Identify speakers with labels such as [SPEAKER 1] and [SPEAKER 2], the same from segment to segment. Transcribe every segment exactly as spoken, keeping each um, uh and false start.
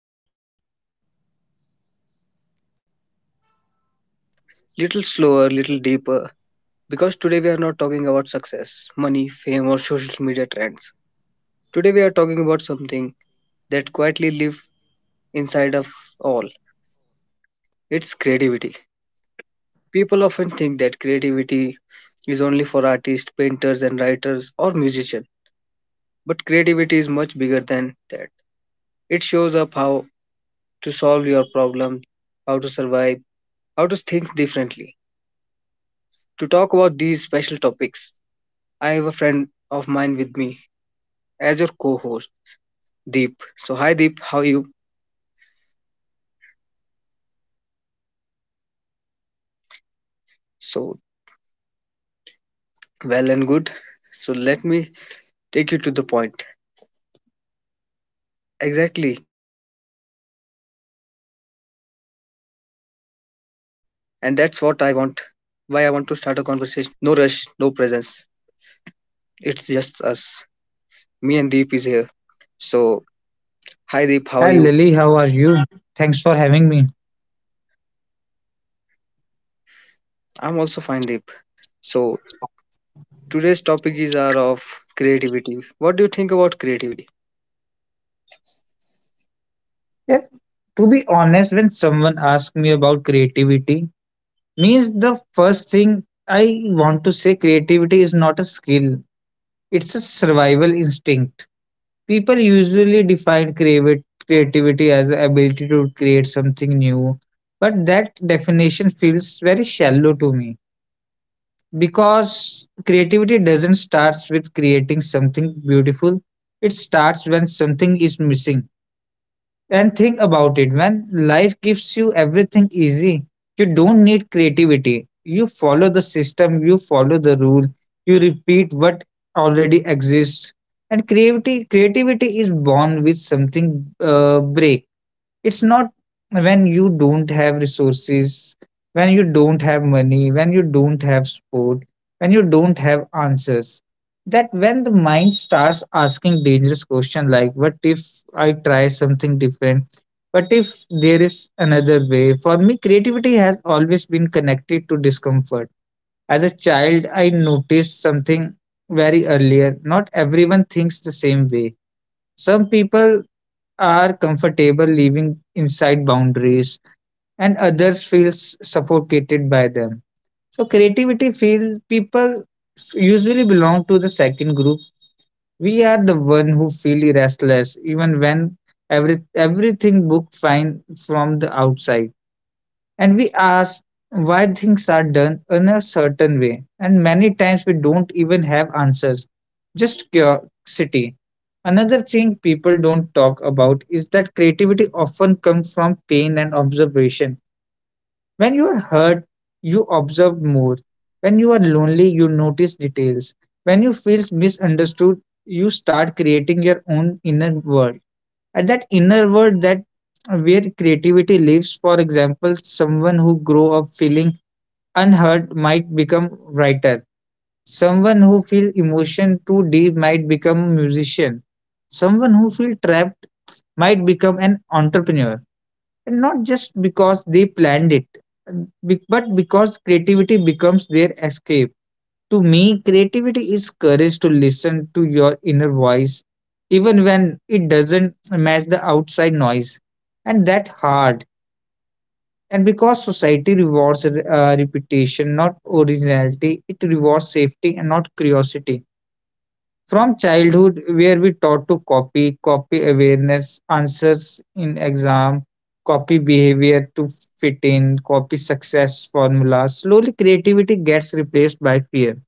[SPEAKER 1] Of our podcast. Today's episode is going to be a little special, little slower, little deeper, because today we are not talking about success, money, fame, or social media trends. Today we are talking about something that quietly lives inside of all it's creativity. People often think that creativity is only for artists, painters, and writers or musicians, but creativity is much bigger than that. It shows up how to solve your problem, how to survive, how to think differently. To talk about these special topics, I have a friend of mine with me as your co-host, Deep. So hi Deep, how are you? So well and good. So let me take you to the point. Exactly. And that's what I want. Why I want to start a conversation to feel real. No rush, no presence. It's just us. Me and Deep is here. So hi Deep, how are you?
[SPEAKER 2] Hi Lily, how are you? Thanks for having me.
[SPEAKER 1] I'm also fine, Deep. So today's topic is our of creativity. What do you think about creativity?
[SPEAKER 2] Yeah, to be honest, when someone asks me about creativity, means the first thing I want to say creativity is not a skill, it's a survival instinct. People usually define creavi- creativity as the ability to create something new, but that definition feels very shallow to me because creativity doesn't start with creating something beautiful, it starts when something is missing. And think about it, when life gives you everything easy, you don't need creativity. You follow the system, you follow the rule, you repeat what already exists. And creativity, creativity is born with something uh, break. It's not when you don't have resources, when you don't have money, when you don't have support, when you don't have answers. That when the mind starts asking dangerous questions like, what if I try something different? What if there is another way? For me, creativity has always been connected to discomfort. As a child, I noticed something very earlier. Not everyone thinks the same way. Some people are comfortable living inside boundaries and others feel s- suffocated by them. So creativity feel people f- usually belong to the second group. We are the one who feel restless even when every everything book fine from the outside, and we ask why things are done in a certain way, and many times we don't even have answers, just curiosity. Another thing people don't talk about is that creativity often comes from pain and observation. When you are hurt, you observe more. When you are lonely, you notice details. When you feel misunderstood, you start creating your own inner world. At that inner world, that where creativity lives. For example, someone who grow up feeling unheard might become writer, someone who feel emotion too deep might become musician, someone who feel trapped might become an entrepreneur, and not just because they planned it, be- but because creativity becomes their escape. To me, creativity is courage to listen to your inner voice, even when it doesn't match the outside noise. And that hard. And because society rewards uh, reputation, not originality, it rewards safety and not curiosity. From childhood, where we taught to copy, copy awareness, answers in exam, copy behavior to fit in, copy success formulas, slowly creativity gets replaced by fear.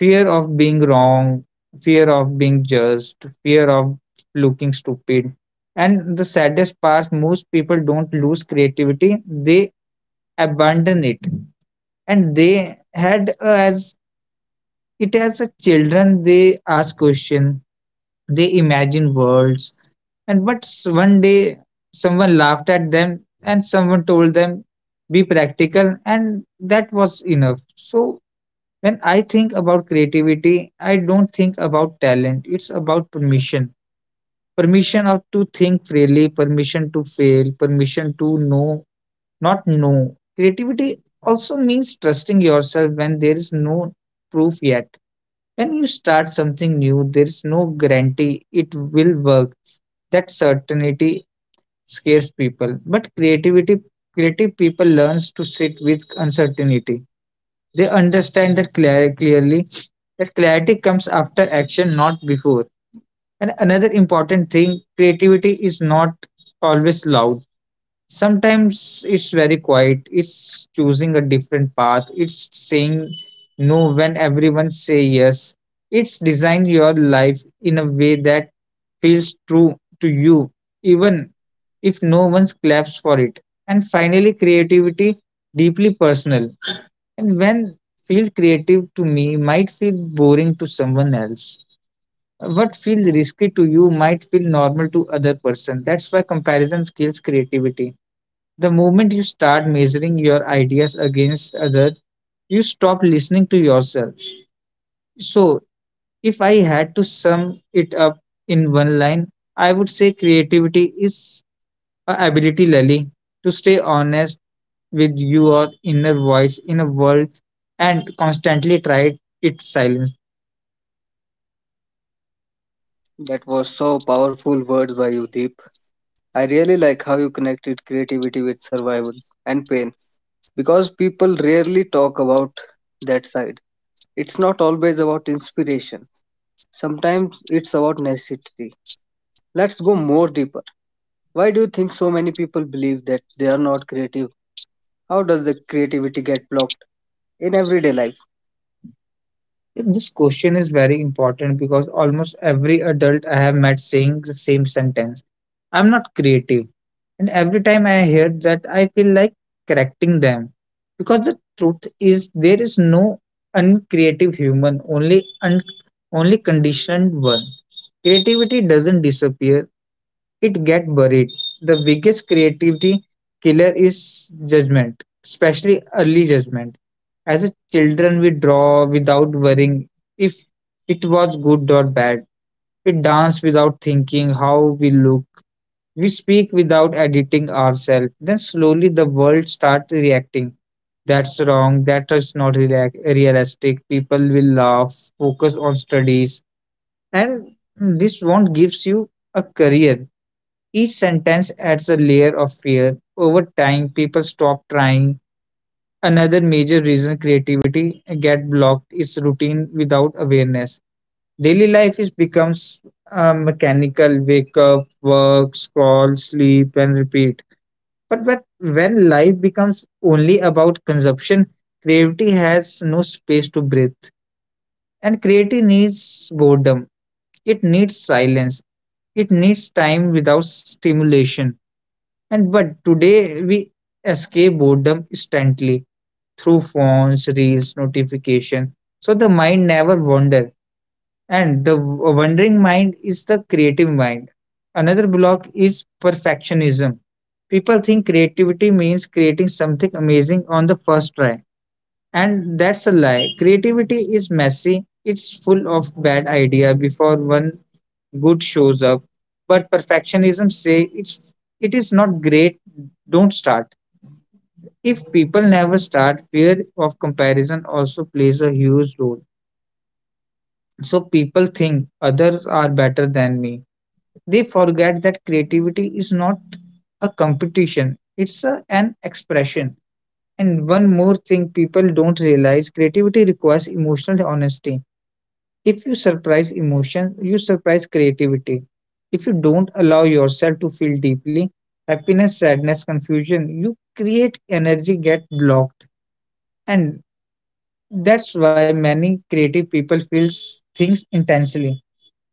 [SPEAKER 2] Fear of being wrong, fear of being judged, fear of looking stupid. And the saddest part, most people don't lose creativity, they abandon it. And they had uh, as it as a children, they ask question. They imagine worlds, and but s- one day someone laughed at them and someone told them be practical, and that was enough. So when I think about creativity, I don't think about talent. It's about permission. Permission of to think freely, permission to fail, permission to know, not know. Creativity also means trusting yourself when there is no proof yet. When you start something new, there is no guarantee it will work. That certainty scares people. But creativity, creative people learns to sit with uncertainty. They understand that clear, clearly that clarity comes after action, not before. And another important thing, creativity is not always loud. Sometimes it's very quiet, it's choosing a different path, it's saying no when everyone say yes. It's design your life in a way that feels true to you, even if no one claps for it. And finally, creativity deeply personal. And when feels creative to me might feel boring to someone else. What feels risky to you might feel normal to other person. That's why comparison kills creativity. The moment you start measuring your ideas against others, you stop listening to yourself. So, if I had to sum it up in one line, I would say creativity is a ability, Lally, to stay honest with your inner voice in a world and constantly try its silence.
[SPEAKER 1] That was so powerful words by you, Deep. I really like how you connected creativity with survival and pain because people rarely talk about that side. It's not always about inspiration. Sometimes it's about necessity. Let's go more deeper. Why do you think so many people believe that they are not creative? How does the creativity get blocked in everyday life?
[SPEAKER 2] This question is very important because almost every adult I have met saying the same sentence. I'm not creative. And every time I hear that, I feel like correcting them. Because the truth is, there is no uncreative human, only, un- only conditioned one. Creativity doesn't disappear, it gets buried. The biggest creativity killer is judgment, especially early judgment. As a children, we draw without worrying if it was good or bad. We dance without thinking how we look, we speak without editing ourselves. Then slowly the world starts reacting. That's wrong. That is not reac- realistic. People will laugh, focus on studies, and this won't gives you a career. Each sentence adds a layer of fear. Over time, people stop trying. Another major reason creativity get blocked is routine without awareness. Daily life is becomes uh, mechanical. Wake up, work, scroll, sleep, and repeat, but but when life becomes only about consumption, creativity has no space to breathe. And creativity needs boredom. It needs silence. It needs time without stimulation. And but today we escape boredom instantly through phones, reels, notification. So the mind never wanders. And the wandering mind is the creative mind. Another block is perfectionism. People think creativity means creating something amazing on the first try. And that's a lie. Creativity is messy, it's full of bad idea before one good shows up. But perfectionism say it's it is not great, don't start. If people never start, fear of comparison also plays a huge role. So people think others are better than me. They forget that creativity is not a competition, it's a, an expression. And one more thing people don't realize, creativity requires emotional honesty. If you surprise emotion, you surprise creativity. If you don't allow yourself to feel deeply, happiness, sadness, confusion, you create energy get blocked. And that's why many creative people feel things intensely.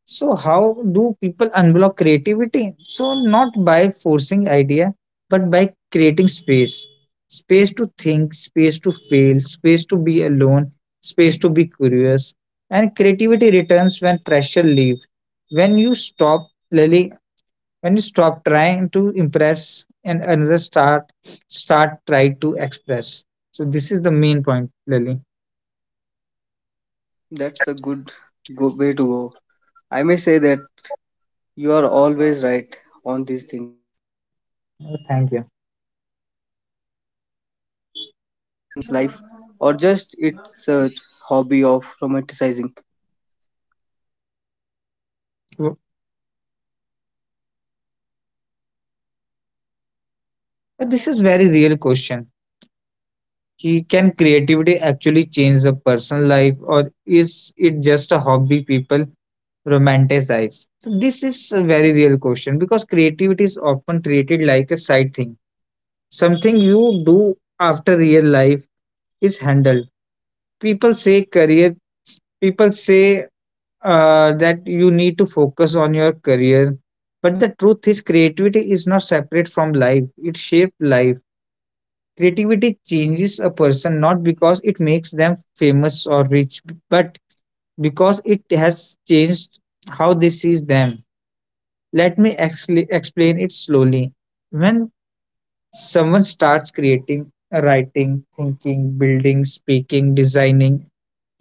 [SPEAKER 2] So how do people unblock creativity? So not by forcing idea, but by creating space. Space to think, space to fail, space to be alone, space to be curious. And creativity returns when pressure leaves. When you stop Lily, when you stop trying to impress and another start start try to express. So this is the main point, Lily.
[SPEAKER 1] That's a good, good way to go. I may say that you are always right on these things, but they
[SPEAKER 2] Thank
[SPEAKER 1] can creativity actually change a person's life, or just it's a hobby of romanticizing.
[SPEAKER 2] you. This is very real question. Ki- Can creativity actually change a person's life, or is it just a hobby people romanticize? So this is a very real question because creativity is often treated like a side thing, something you do after real life is handled. People say career, people say uh, that you need to focus on your career, but the truth is, creativity is not separate from life; it shapes life. Creativity changes a person not because it makes them famous or rich, but because it has changed how they see them. Let me actually explain it slowly. When someone starts creating, writing, thinking, building, speaking, designing,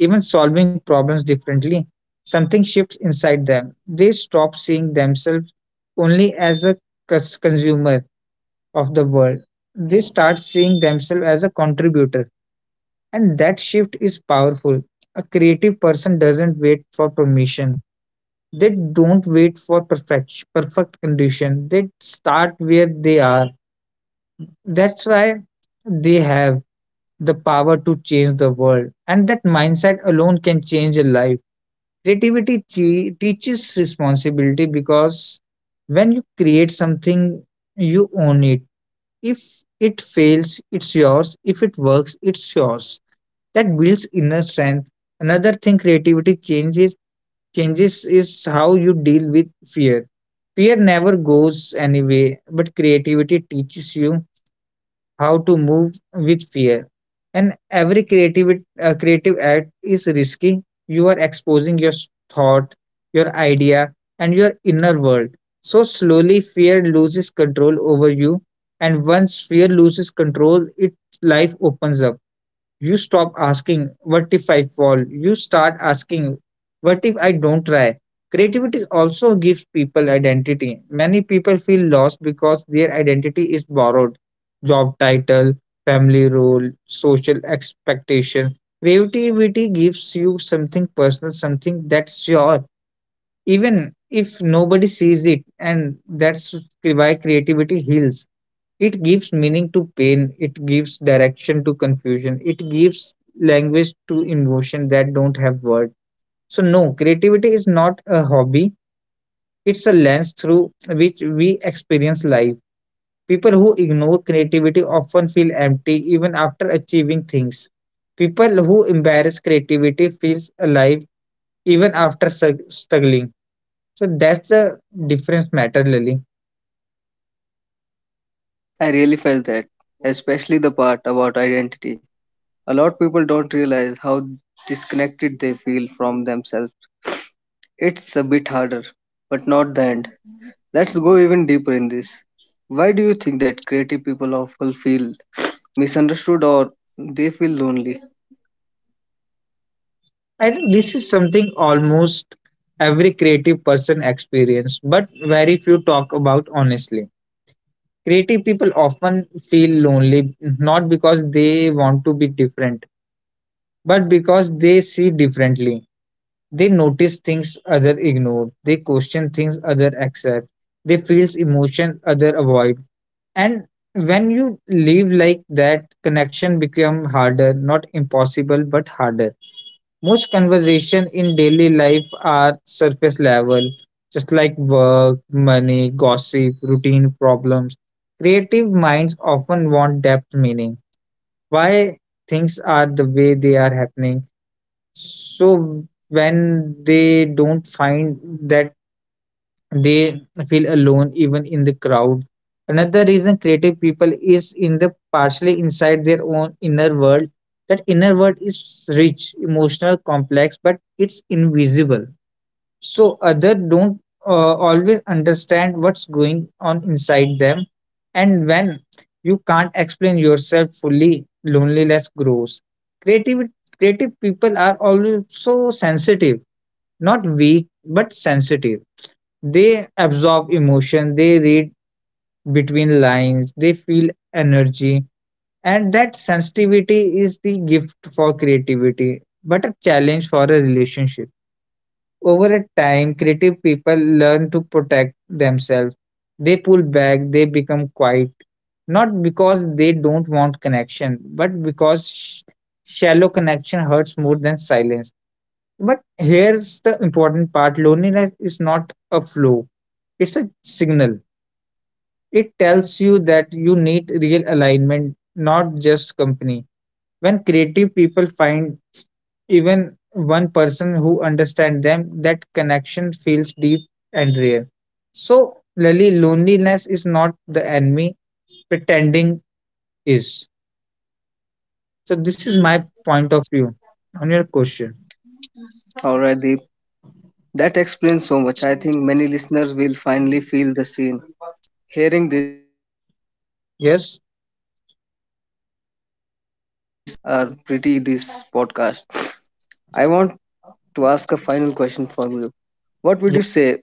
[SPEAKER 2] even solving problems differently, something shifts inside them. They stop seeing themselves only as a cus- consumer of the world. They start seeing themselves as a contributor. And that shift is powerful. A creative person doesn't wait for permission. They don't wait for perfect perfect condition. They start where they are. That's why they have the power to change the world. And that mindset alone can change a life. Creativity che- teaches responsibility because when you create something, you own it. If it fails, it's yours. If it works, it's yours. That builds inner strength. Another thing creativity changes changes is how you deal with fear. Fear never goes anyway, but creativity teaches you how to move with fear. And every creative uh, creative act is risky. You are exposing your s- thought, your idea, and your inner world. So slowly fear loses control over you, and once fear loses control, it life opens up. You stop asking, what if I fall? You start asking, what if I don't try? Creativity also gives people identity. Many people feel lost because their identity is borrowed: job title, family role, social expectation. Creativity gives you something personal, something that's yours, even if nobody sees it, and that's why creativity heals. It gives meaning to pain, it gives direction to confusion, it gives language to emotion that don't have words. So, no, creativity is not a hobby, it's a lens through which we experience life. People who ignore creativity often feel empty even after achieving things. People who embrace creativity feels alive even after sug- struggling. So that's the difference matter, Lily.
[SPEAKER 1] I really felt that, especially the part about identity. A lot of people don't realize how disconnected they feel from themselves. It's a bit harder, but not the end. Let's go even deeper in this. Why do you think that creative people often feel misunderstood, or they feel lonely,
[SPEAKER 2] I think this is something almost every creative person experience, but very few talk about honestly. Creative people often feel lonely not because they want to be different, but because they see differently. They notice things other ignore. They question things other accept. They feel emotions other avoid. And when you live like that, connection become harder, not impossible, but harder. Most conversation in daily life are surface level, just like work, money, gossip, routine problems. Creative minds often want depth meaning. Why things are the way they are happening. So when they don't find that, they feel alone even in the crowd. Another reason creative people is in the partially inside their own inner world. That inner world is rich, emotional, complex, but it's invisible. So other don't uh, always understand what's going on inside them. And when you can't explain yourself fully, loneliness grows. Creative creative people are also sensitive, not weak but sensitive, they absorb emotion, they read between lines, they feel energy, and that sensitivity is the gift for creativity, but a challenge for a relationship. Over a time, creative people learn to protect themselves. They pull back, they become quiet, not because they don't want connection, but because sh- shallow connection hurts more than silence. But here's the important part, loneliness is not a flaw, it's a signal, it tells you that you need real alignment, not just company. When creative people find even one person who understands them, that connection feels deep and real. So, Lily, loneliness is not the enemy, pretending is. So, this is my point of view on your question.
[SPEAKER 1] or are they? That explains so much. I think many listeners will finally feel the same. Hearing this, before
[SPEAKER 2] Yes?
[SPEAKER 1] we end our conversation, our pretty this podcast, I want to ask a final question for you. What would you
[SPEAKER 2] Yeah.
[SPEAKER 1] say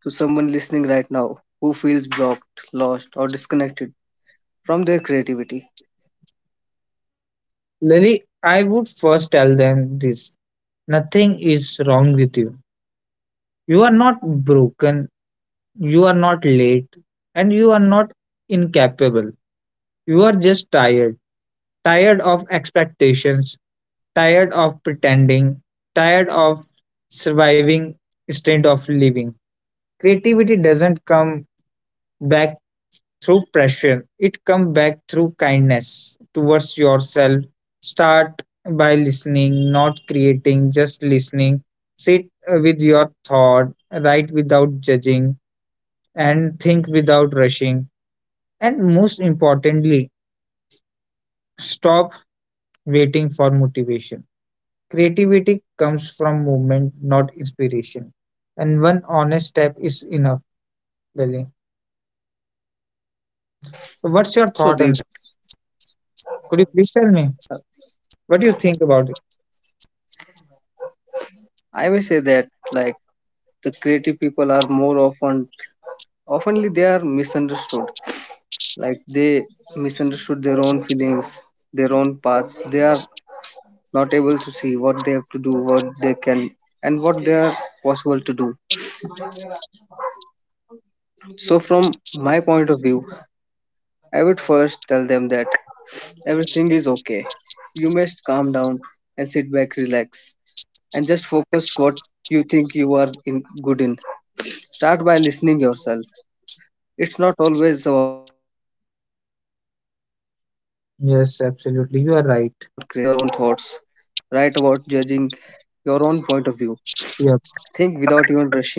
[SPEAKER 1] to someone listening right now who feels blocked, lost, or disconnected from their creativity?
[SPEAKER 2] Lily, I would first tell them this: nothing is wrong with you. You are not broken. You are not late, and you are not incapable. You are just tired. Tired of expectations, tired of pretending, tired of surviving instead of living. Creativity doesn't come back through pressure, it comes back through kindness towards yourself. Start by listening, not creating, just listening. Sit uh, with your thought, write without judging, and think without rushing. And most importantly, stop waiting for motivation. Creativity comes from movement, not inspiration. And one honest step is enough, Lily. So, what's your
[SPEAKER 1] So,
[SPEAKER 2] thought on
[SPEAKER 1] Deep,
[SPEAKER 2] that? Could you please tell me what do you think about it?
[SPEAKER 1] I may say that like the creative people are more often, oftenly they are misunderstood, like they misunderstood their own feelings, their own paths. They are not able to see what they have to do, what they can, and what they are possible to do. So from my point of view, I would first tell them that everything is okay. You must calm down and sit back, relax, and just focus what you think you are in good in. Start by listening yourself. It's not always about creating. Its first thought is that
[SPEAKER 2] Yes,
[SPEAKER 1] sit
[SPEAKER 2] absolutely. You
[SPEAKER 1] with
[SPEAKER 2] are
[SPEAKER 1] your own
[SPEAKER 2] right.
[SPEAKER 1] thoughts, write about judging your own point of view,
[SPEAKER 2] Yep,
[SPEAKER 1] think without even rushing,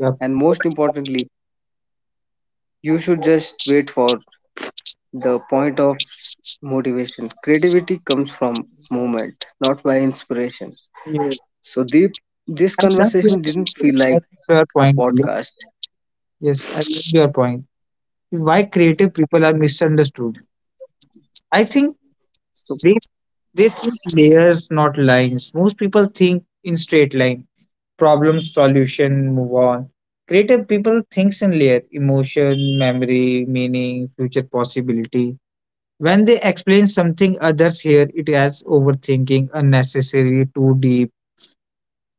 [SPEAKER 1] and most importantly, you should just wait for the point of s- motivation. Creativity comes from movement, not by inspiration.
[SPEAKER 2] Yes.
[SPEAKER 1] So the this
[SPEAKER 2] I love your
[SPEAKER 1] conversation didn't
[SPEAKER 2] point here.
[SPEAKER 1] feel
[SPEAKER 2] I love
[SPEAKER 1] like
[SPEAKER 2] your
[SPEAKER 1] a
[SPEAKER 2] point, Lily.
[SPEAKER 1] podcast.
[SPEAKER 2] Yes, I love your point. Why creative people are misunderstood? I think
[SPEAKER 1] So
[SPEAKER 2] they they think layers, not lines. Most people think in straight lines, problem solution move on. Creative people thinks in layer emotion memory meaning future possibility. When they explain something, others hear it as overthinking, unnecessary, too deep.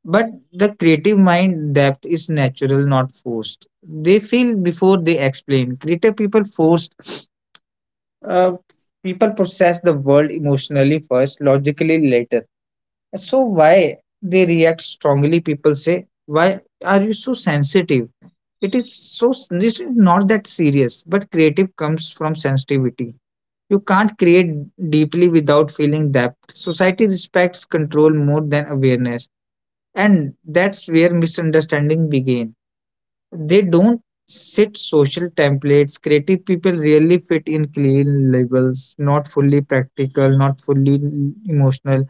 [SPEAKER 2] But the creative mind depth is natural, not forced. They feel before they explain. Creative people forced, uh, people process the world emotionally first, logically later. So why they react strongly, people say, why are you so sensitive, it is so, this is not that serious. But creative comes from sensitivity. You can't create deeply without feeling depth. Society respects control more than awareness, and that's where misunderstanding begin. They don't sit social templates. Creative people really fit in clean labels, not fully practical, not fully emotional,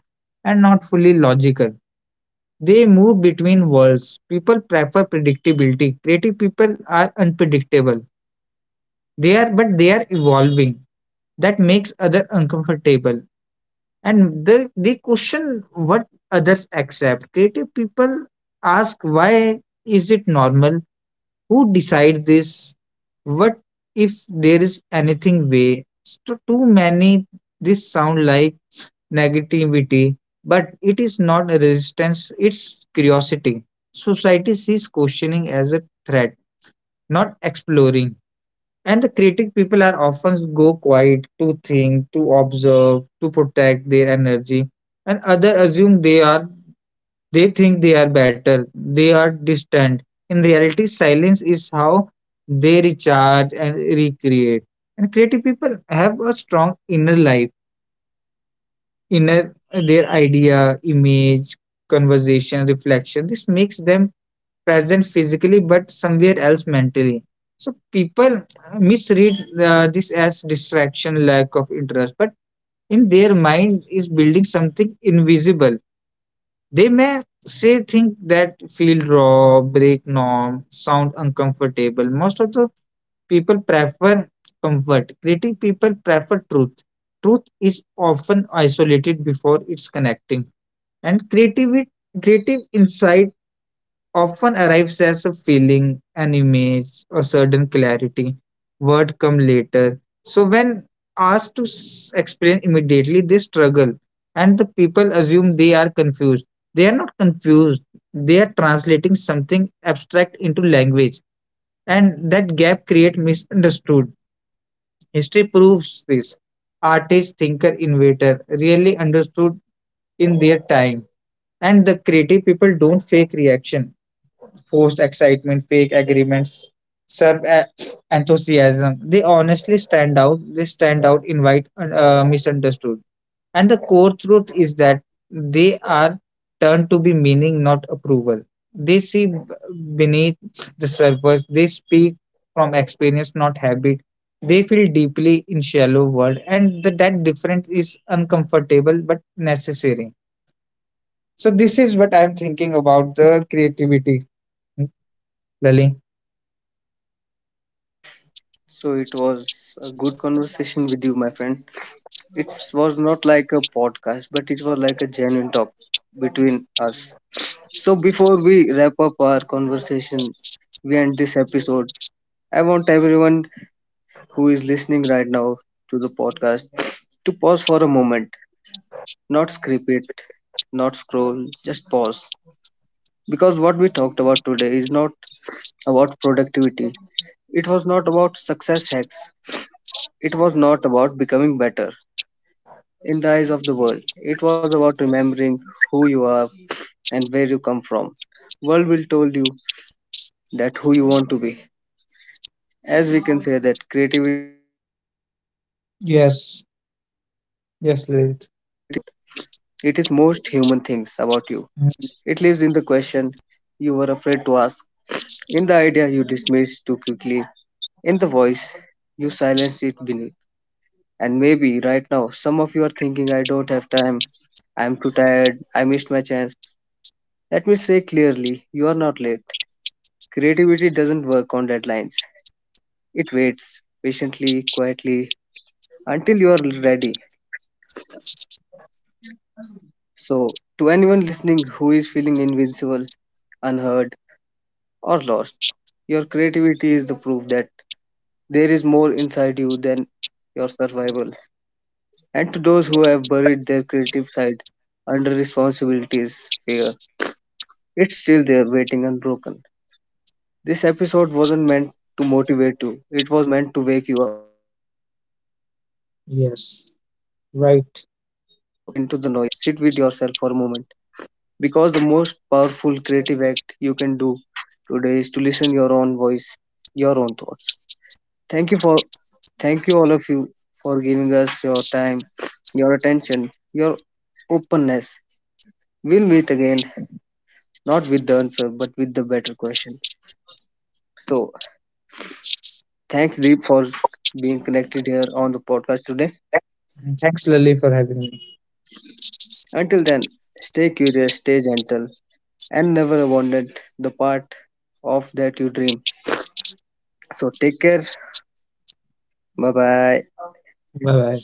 [SPEAKER 2] and not fully logical. They move between worlds. People prefer predictability, creative people are unpredictable. They are, but they are evolving. That makes other uncomfortable. And they, they question what others accept. Creative people ask why, is it normal, who decides this, what if there is anything way, so too many. This sound like negativity, but it is not a resistance, it's curiosity. Society sees questioning as a threat, not exploring. And the creative people are often go quiet to think, to observe, to protect their energy. And others assume they are, they think they are better, they are distant. In reality, silence is how they recharge and recreate. And creative people have a strong inner life, inner, their idea, image, conversation, reflection. This makes them present physically but somewhere else mentally. So people misread uh, this as distraction, lack of interest, but in their mind is building something invisible. They may say think that feel raw, break norm, sound uncomfortable. Most of the people prefer comfort, creative people prefer truth. Truth is often isolated before it's connecting. And creative creative insight often arrives as a feeling, an image, a certain clarity. Word come later. So when asked to s- explain immediately, they struggle, and the people assume they are confused. They are not confused. They are translating something abstract into language, and that gap create misunderstood. History proves this. Artist, thinker, innovator, really understood in their time. And the creative people don't fake reaction, forced excitement, fake agreements, serve a- enthusiasm. They honestly stand out. They stand out, invite uh, misunderstood. And the core truth is that they are turned to be meaning, not approval. They see b- beneath the surface. They speak from experience, not habit. They feel deeply in shallow world, and the, that difference is uncomfortable but necessary. So this is what I'm thinking about the creativity, Lali.
[SPEAKER 1] so it was a good conversation with you, my friend. It was not like a podcast, but it was like a genuine talk between us. So before we wrap up our conversation, we end this episode. I want everyone who is listening right now to the podcast to pause for a moment, not skip it, not scroll, just pause. Because what we talked about today is not about productivity, it was not about success hacks, it was not about becoming better in the eyes of the world. It was about remembering who you are and where you come from. World will told you that who you want to be. As we can say that creativity is not a luxury. It
[SPEAKER 2] Yes,
[SPEAKER 1] is not a talent that is
[SPEAKER 2] yes, Lilith.
[SPEAKER 1] reserved. It is most human things about you. It
[SPEAKER 2] Mm.
[SPEAKER 1] lives in the question you were afraid to ask, in the idea you dismissed too quickly, in the voice you silenced it beneath. And maybe right now some of you are thinking I don't have time, I'm too tired, I missed my chance. Let me say clearly, you are not late. Creativity doesn't work on deadlines. It waits patiently, quietly, until you are ready. So, to anyone listening who is feeling invincible, unheard, or lost, your creativity is the proof that there is more inside you than your survival. And to those who have buried their creative side under responsibilities, fear, it's still there waiting unbroken. This episode wasn't meant to motivate you, it was meant to wake you up. So, when this podcast ends,
[SPEAKER 2] Yes,
[SPEAKER 1] don't rush
[SPEAKER 2] right.
[SPEAKER 1] back into the noise. Sit with yourself for a moment because the most powerful creative act you can do today is to listen your own voice, your own thoughts. Thank you for thank you all of you for giving us your time, your attention, your openness. We'll meet again, not with the answer, but with the better question. So thanks, Deep, for being connected here on the podcast today.
[SPEAKER 2] Thanks, Lily, for having me.
[SPEAKER 1] Until then, stay curious, stay gentle, and never abandon the part of that you dream. So, take care. Bye bye.
[SPEAKER 2] Bye bye.